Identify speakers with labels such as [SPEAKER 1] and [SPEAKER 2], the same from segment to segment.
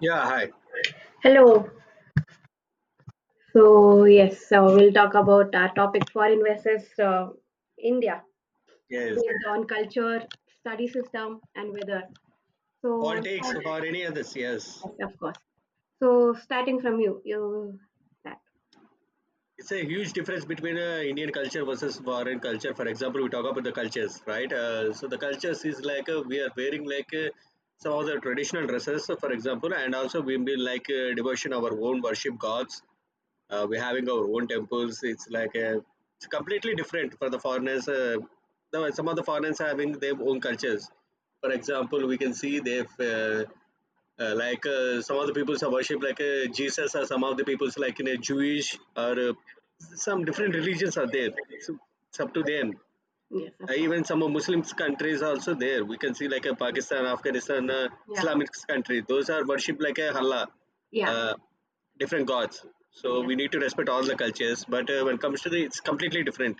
[SPEAKER 1] Yeah, hi.
[SPEAKER 2] Hello. So yes, so we'll talk about our topic foreign versus India,
[SPEAKER 1] Yes.
[SPEAKER 2] based on culture, study system, and weather. So
[SPEAKER 1] Politics
[SPEAKER 2] start-
[SPEAKER 1] or any others, yes.
[SPEAKER 2] yes, of course. So starting from you, you that
[SPEAKER 1] It's a huge difference between Indian culture versus foreign culture. For example, we talk about the cultures, right? So the cultures is like we are wearing like some of the traditional dresses, for example, and also we be like devotion our own worship gods. We're having our own temples. It's completely different for the foreigners. Some of the foreigners are having their own cultures. For example, we can see they've like some of the peoples are worship like Jesus, or some of the peoples like in a Jewish or some different religions are there. It's up to them.
[SPEAKER 2] Yes, of course.
[SPEAKER 1] Even some of Muslim countries are also there. We can see like Pakistan, Afghanistan,
[SPEAKER 2] Yeah,
[SPEAKER 1] Islamic country. Those are worship like a Allah,
[SPEAKER 2] yeah,
[SPEAKER 1] uh, different gods. So
[SPEAKER 2] yes.
[SPEAKER 1] we need to respect all the cultures. But when it comes to the, it's completely different.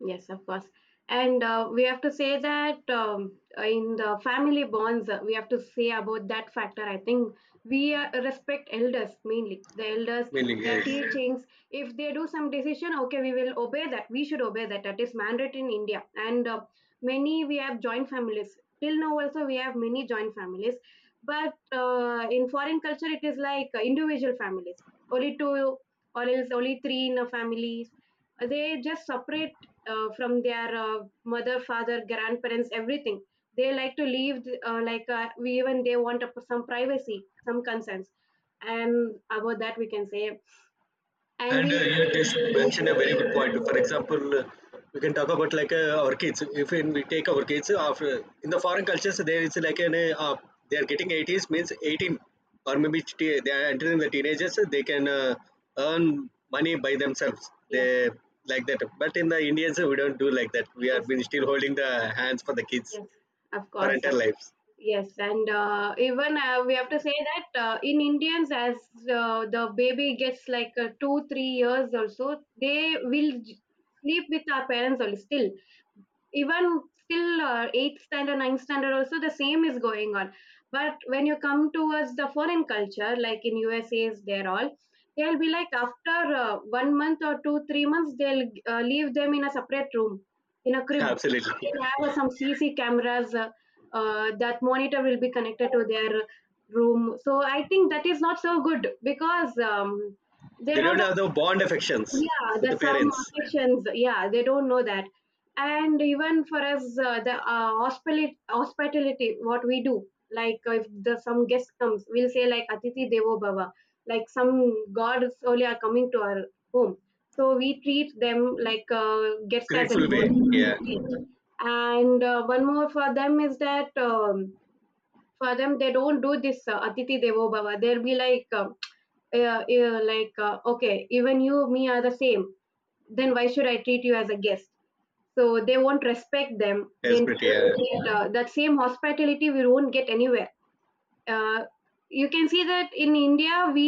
[SPEAKER 2] Yes, of course. And we have to say that, in the family bonds, we have to say about that factor. I think we respect elders mainly. The elders,
[SPEAKER 1] Mainly,
[SPEAKER 2] their
[SPEAKER 1] yes.
[SPEAKER 2] teachings, if they do some decision, okay, we will obey that. We should obey that. That is mandatory in India. And many we have joint families. Till now, also, we have many joint families. But in foreign culture, it is like individual families, only two, or else only three in a family. They just separate from their mother, father, grandparents, everything. They like to leave, we even they want some privacy, some concerns, and about that we can say. And
[SPEAKER 1] And
[SPEAKER 2] we'll
[SPEAKER 1] you just mentioned a very good point. For example, we can talk about like our kids. If in, we take our kids after in the foreign cultures, there is like an they are getting 80s means 18 or maybe they are entering the teenagers. They can earn money by themselves. They
[SPEAKER 2] Yes,
[SPEAKER 1] like that. But in the Indians, we don't do like that. We are
[SPEAKER 2] yes,
[SPEAKER 1] been still holding the hands for the kids
[SPEAKER 2] yes, of
[SPEAKER 1] for
[SPEAKER 2] course, sir.
[SPEAKER 1] entire lives.
[SPEAKER 2] Yes, and even we have to say that in Indians, as the baby gets like 2 3 years also, they will sleep with our parents only, still. Even still, eighth standard, ninth standard also, the same is going on. But when you come towards the foreign culture, like in USA's, they'll be like, after 1 month or 2 3 months, they'll leave them in a separate room, in a crib.
[SPEAKER 1] Yeah, absolutely.
[SPEAKER 2] They'll have some CC cameras. That monitor will be connected to their room. So I think that is not so good because, they
[SPEAKER 1] They don't
[SPEAKER 2] don't
[SPEAKER 1] have the bond
[SPEAKER 2] have,
[SPEAKER 1] affections
[SPEAKER 2] yeah,
[SPEAKER 1] with the
[SPEAKER 2] that some
[SPEAKER 1] parents.
[SPEAKER 2] sections, yeah, they don't know that. And even for us, the hospitality, what we do, like, if the some guest comes, we'll say like atiti devo bhava, like some gods only are coming to our home. So we treat them like guest as a
[SPEAKER 1] Grateful way.
[SPEAKER 2] god.
[SPEAKER 1] Yeah,
[SPEAKER 2] And one more for them is that, for them, they don't do this atiti devo bhava. They'll be like, okay, even you, me are the same, then why should I treat you as a guest? So they won't respect them then.
[SPEAKER 1] desperate. Yeah.
[SPEAKER 2] That same hospitality we won't get anywhere. uh, you can see that in India, we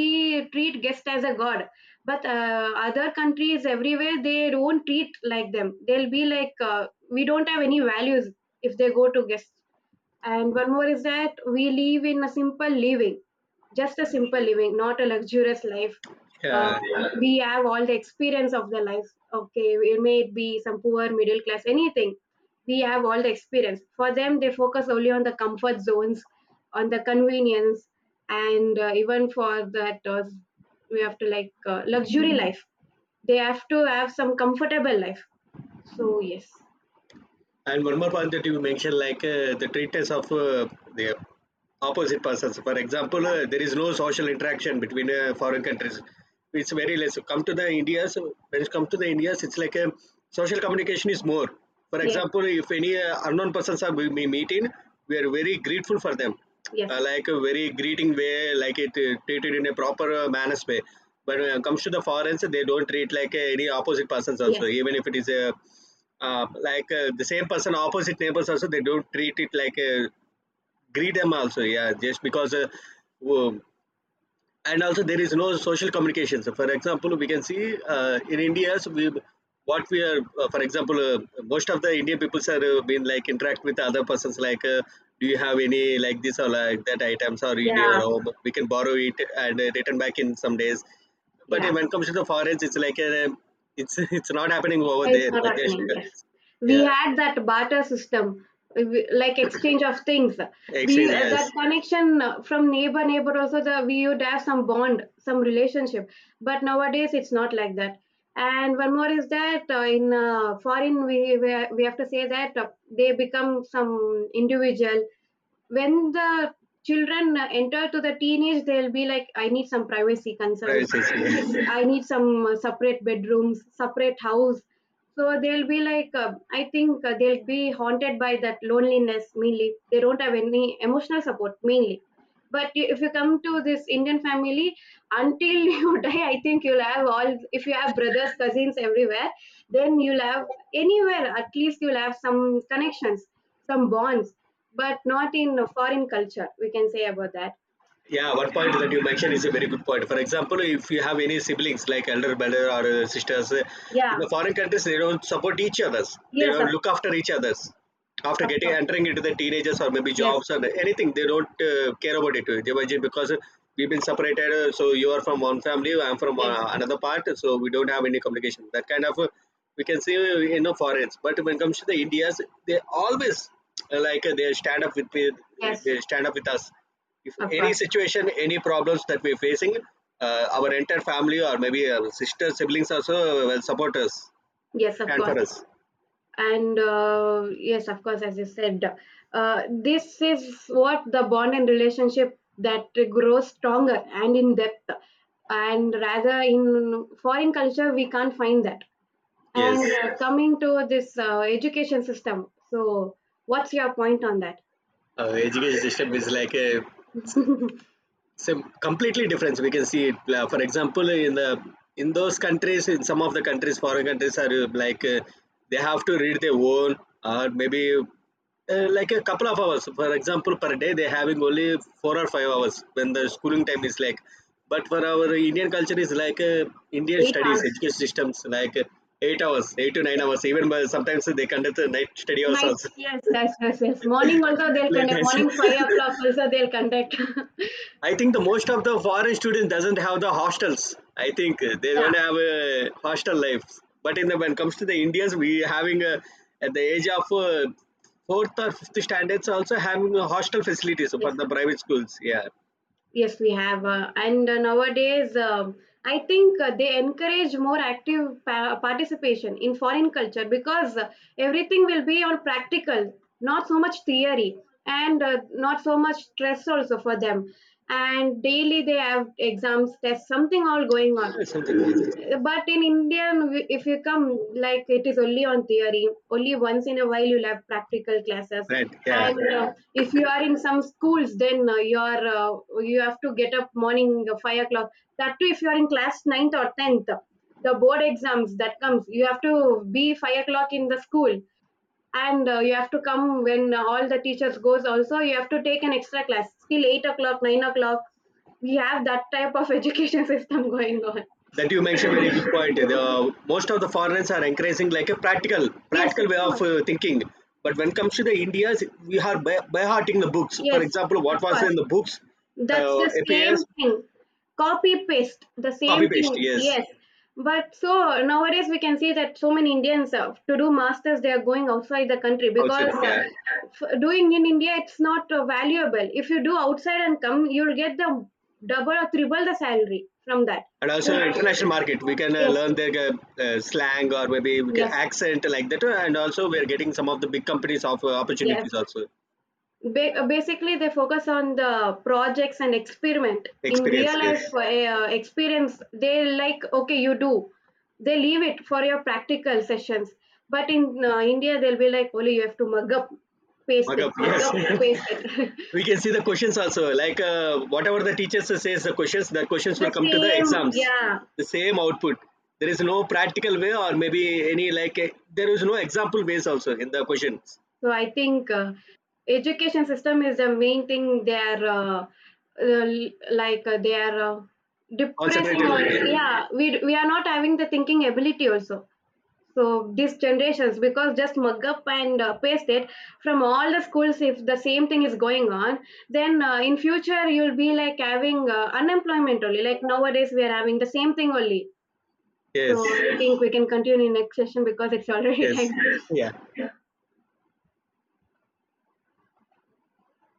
[SPEAKER 2] treat guest as a god. But other countries, everywhere they don't treat like them. They'll be like, we don't have any values if they go to guests. And one more is that we live in a simple living, just a simple living, not a luxurious life. Uh,
[SPEAKER 1] Yeah,
[SPEAKER 2] we have all the experience of the life. Okay, it may be some poor, middle class, anything. We have all the experience. For them, they focus only on the comfort zones, on the convenience, and even for that, we have to like luxury life. They have to have some comfortable life. So yes.
[SPEAKER 1] and one more point that you mentioned, like the treatment of the opposite persons. For example,
[SPEAKER 2] Yeah,
[SPEAKER 1] there is no social interaction between foreign countries. It's very less. Come to the India, so when it comes to the Indians, it's like a social communication is more. For
[SPEAKER 2] yes,
[SPEAKER 1] example, if any unknown persons are we meet in, we are very grateful for them,
[SPEAKER 2] yes,
[SPEAKER 1] like a very greeting way, like it treated in a proper manners way. But when it comes to the foreigners, they don't treat like any opposite persons also,
[SPEAKER 2] yes,
[SPEAKER 1] even if it is a the same person opposite neighbors also they don't treat it like greet them also, yeah, just because wo- and also there is no social communications. For example, we can see in India, so we what we are for example, most of the Indian peoples are been like interact with other persons like do you have any like this or like that items or in your
[SPEAKER 2] yeah,
[SPEAKER 1] home, we can borrow it and return back in some days. But
[SPEAKER 2] yeah.
[SPEAKER 1] when it comes to the foreigns, it's like it's it's not happening over
[SPEAKER 2] It's
[SPEAKER 1] there,
[SPEAKER 2] not
[SPEAKER 1] but just
[SPEAKER 2] happening. Yes,
[SPEAKER 1] because,
[SPEAKER 2] we
[SPEAKER 1] yeah.
[SPEAKER 2] had that barter system, like exchange of things. We,
[SPEAKER 1] Actually,
[SPEAKER 2] that
[SPEAKER 1] yes,
[SPEAKER 2] connection, from neighbor neighbor also, the we would have some bond, some relationship. But nowadays it's not like that. And one more is that, in foreign, we have to say that they become some individual. When the children enter to the teenage, they'll be like, I need some privacy concerns,
[SPEAKER 1] privacy is here.
[SPEAKER 2] I need some separate bedrooms, separate house. So they'll be like, I think they'll be haunted by that loneliness mainly. They don't have any emotional support mainly. But if you come to this Indian family, until you die, I think you'll have all. If you have brothers, cousins everywhere, then you'll have anywhere at least. You'll have some connections, some bonds. But not in a foreign culture, we can say about that.
[SPEAKER 1] Yeah, one point that you mentioned is a very good point. For example, if you have any siblings like elder brother or sisters, in
[SPEAKER 2] Yeah,
[SPEAKER 1] the foreign countries they don't support each others. They
[SPEAKER 2] yes,
[SPEAKER 1] don't
[SPEAKER 2] of,
[SPEAKER 1] look after each others. After
[SPEAKER 2] of
[SPEAKER 1] getting
[SPEAKER 2] course
[SPEAKER 1] entering into the teenagers or maybe
[SPEAKER 2] yes,
[SPEAKER 1] jobs or anything, they don't care about it. They were because we've been separated. So you are from one family, I'm from
[SPEAKER 2] yes,
[SPEAKER 1] another part. So we don't have any communication. That kind of we can see in the foreigners. But when it comes to the Indians, they always they stand up with me.
[SPEAKER 2] yes,
[SPEAKER 1] They stand up with us if
[SPEAKER 2] of
[SPEAKER 1] any
[SPEAKER 2] course,
[SPEAKER 1] situation, any problems that we're facing, our entire family or maybe our sister siblings also will support us,
[SPEAKER 2] yes, of
[SPEAKER 1] stand
[SPEAKER 2] course.
[SPEAKER 1] for us.
[SPEAKER 2] And yes, of course, as you said, this is what the bond and relationship that grows stronger and in depth. And rather in foreign culture, we can't find that.
[SPEAKER 1] Yes,
[SPEAKER 2] And yes. Coming to this education system, so what's your point on that?
[SPEAKER 1] education system is like a so completely different, we can see it for example in the in those countries, in some of the countries foreign countries are like they have to read their own or maybe like a couple of hours, for example per day they having only 4 or 5 hours when the
[SPEAKER 2] Yes,
[SPEAKER 1] schooling time is like. But for our Indian culture is like Indian
[SPEAKER 2] eight
[SPEAKER 1] studies
[SPEAKER 2] hours
[SPEAKER 1] education systems like 8 hours, 8 to 9 hours, even by, sometimes they conduct a night study also.
[SPEAKER 2] Night, yes, yes, yes, yes. Morning also they'll
[SPEAKER 1] Late
[SPEAKER 2] conduct.
[SPEAKER 1] nights.
[SPEAKER 2] Morning 5 o'clock also they'll conduct.
[SPEAKER 1] I think the most of the foreign students doesn't have the hostels. I think they
[SPEAKER 2] Yeah,
[SPEAKER 1] don't have a hostel life. But in the when it comes to the Indians, we having a at the age of fourth or fifth standards also having a hostel facilities for
[SPEAKER 2] yes.
[SPEAKER 1] the private schools. Yeah,
[SPEAKER 2] Yes, we have. And nowadays, I think they encourage more active participation in foreign culture because everything will be on practical, not so much theory, and not so much stress also for them. And daily they have exams, tests, something all going on.
[SPEAKER 1] yeah, something, yes,
[SPEAKER 2] But in India, if you come, like, it is only on theory. Only once in a while you'll have practical classes.
[SPEAKER 1] right. Yeah,
[SPEAKER 2] And if you are in some schools, then you have to get up morning 5 o'clock. That too, if you are in class ninth or 10th, the board exams that comes, you have to be 5 o'clock in the school. And you have to come when all the teachers goes also. You have to take an extra class till 8 o'clock, 9 o'clock. We have that type of education system going on.
[SPEAKER 1] that you mentioned very good point. The most of the foreigners are encouraging like a practical
[SPEAKER 2] Yes, of
[SPEAKER 1] practical way of
[SPEAKER 2] course.
[SPEAKER 1] thinking. But when it comes to the Indians, we are by hearting the books. For
[SPEAKER 2] Yes,
[SPEAKER 1] example,
[SPEAKER 2] of
[SPEAKER 1] what was
[SPEAKER 2] course.
[SPEAKER 1] in the books
[SPEAKER 2] That's the same
[SPEAKER 1] appears.
[SPEAKER 2] thing. Copy paste, the same
[SPEAKER 1] Copy paste,
[SPEAKER 2] thing.
[SPEAKER 1] yes.
[SPEAKER 2] Yes. But so nowadays we can see that so many Indians, to do masters, they are going outside the country, because
[SPEAKER 1] Outsourcing, yeah.
[SPEAKER 2] doing in India, it's not valuable. If you do outside and come, you'll get the double or triple the salary from that.
[SPEAKER 1] And also international market, we can
[SPEAKER 2] Yes.
[SPEAKER 1] learn their slang or maybe we can
[SPEAKER 2] Yes.
[SPEAKER 1] accent like that. And also we are getting some of the big companies of
[SPEAKER 2] Yes.
[SPEAKER 1] opportunities also.
[SPEAKER 2] Basically, they focus on the projects and experiment. In
[SPEAKER 1] Experience,
[SPEAKER 2] real
[SPEAKER 1] yes.
[SPEAKER 2] life, experience, they like, okay, you do. They leave it for your practical sessions. But in India, they'll be like, only you have to mug up, paste
[SPEAKER 1] Mug
[SPEAKER 2] it,
[SPEAKER 1] up,
[SPEAKER 2] mug
[SPEAKER 1] yes.
[SPEAKER 2] up, paste it.
[SPEAKER 1] We can see the questions also. Like whatever the teachers says the questions
[SPEAKER 2] The
[SPEAKER 1] will come to the
[SPEAKER 2] same,
[SPEAKER 1] exams.
[SPEAKER 2] yeah.
[SPEAKER 1] The same output. There is no practical way or maybe any like, there is no example ways also in the questions.
[SPEAKER 2] So I think education system is the main thing. They are depressing.
[SPEAKER 1] Concentrated,
[SPEAKER 2] Or,
[SPEAKER 1] only, yeah.
[SPEAKER 2] yeah, we are not having the thinking ability also. So these generations, because just mug up and paste it, from all the schools, if the same thing is going on, then in future you'll be like having unemployment only. Like nowadays we are having the same thing only. So
[SPEAKER 1] Yes,
[SPEAKER 2] I think we can continue in next session because it's already
[SPEAKER 1] yes.
[SPEAKER 2] time.
[SPEAKER 1] Yeah.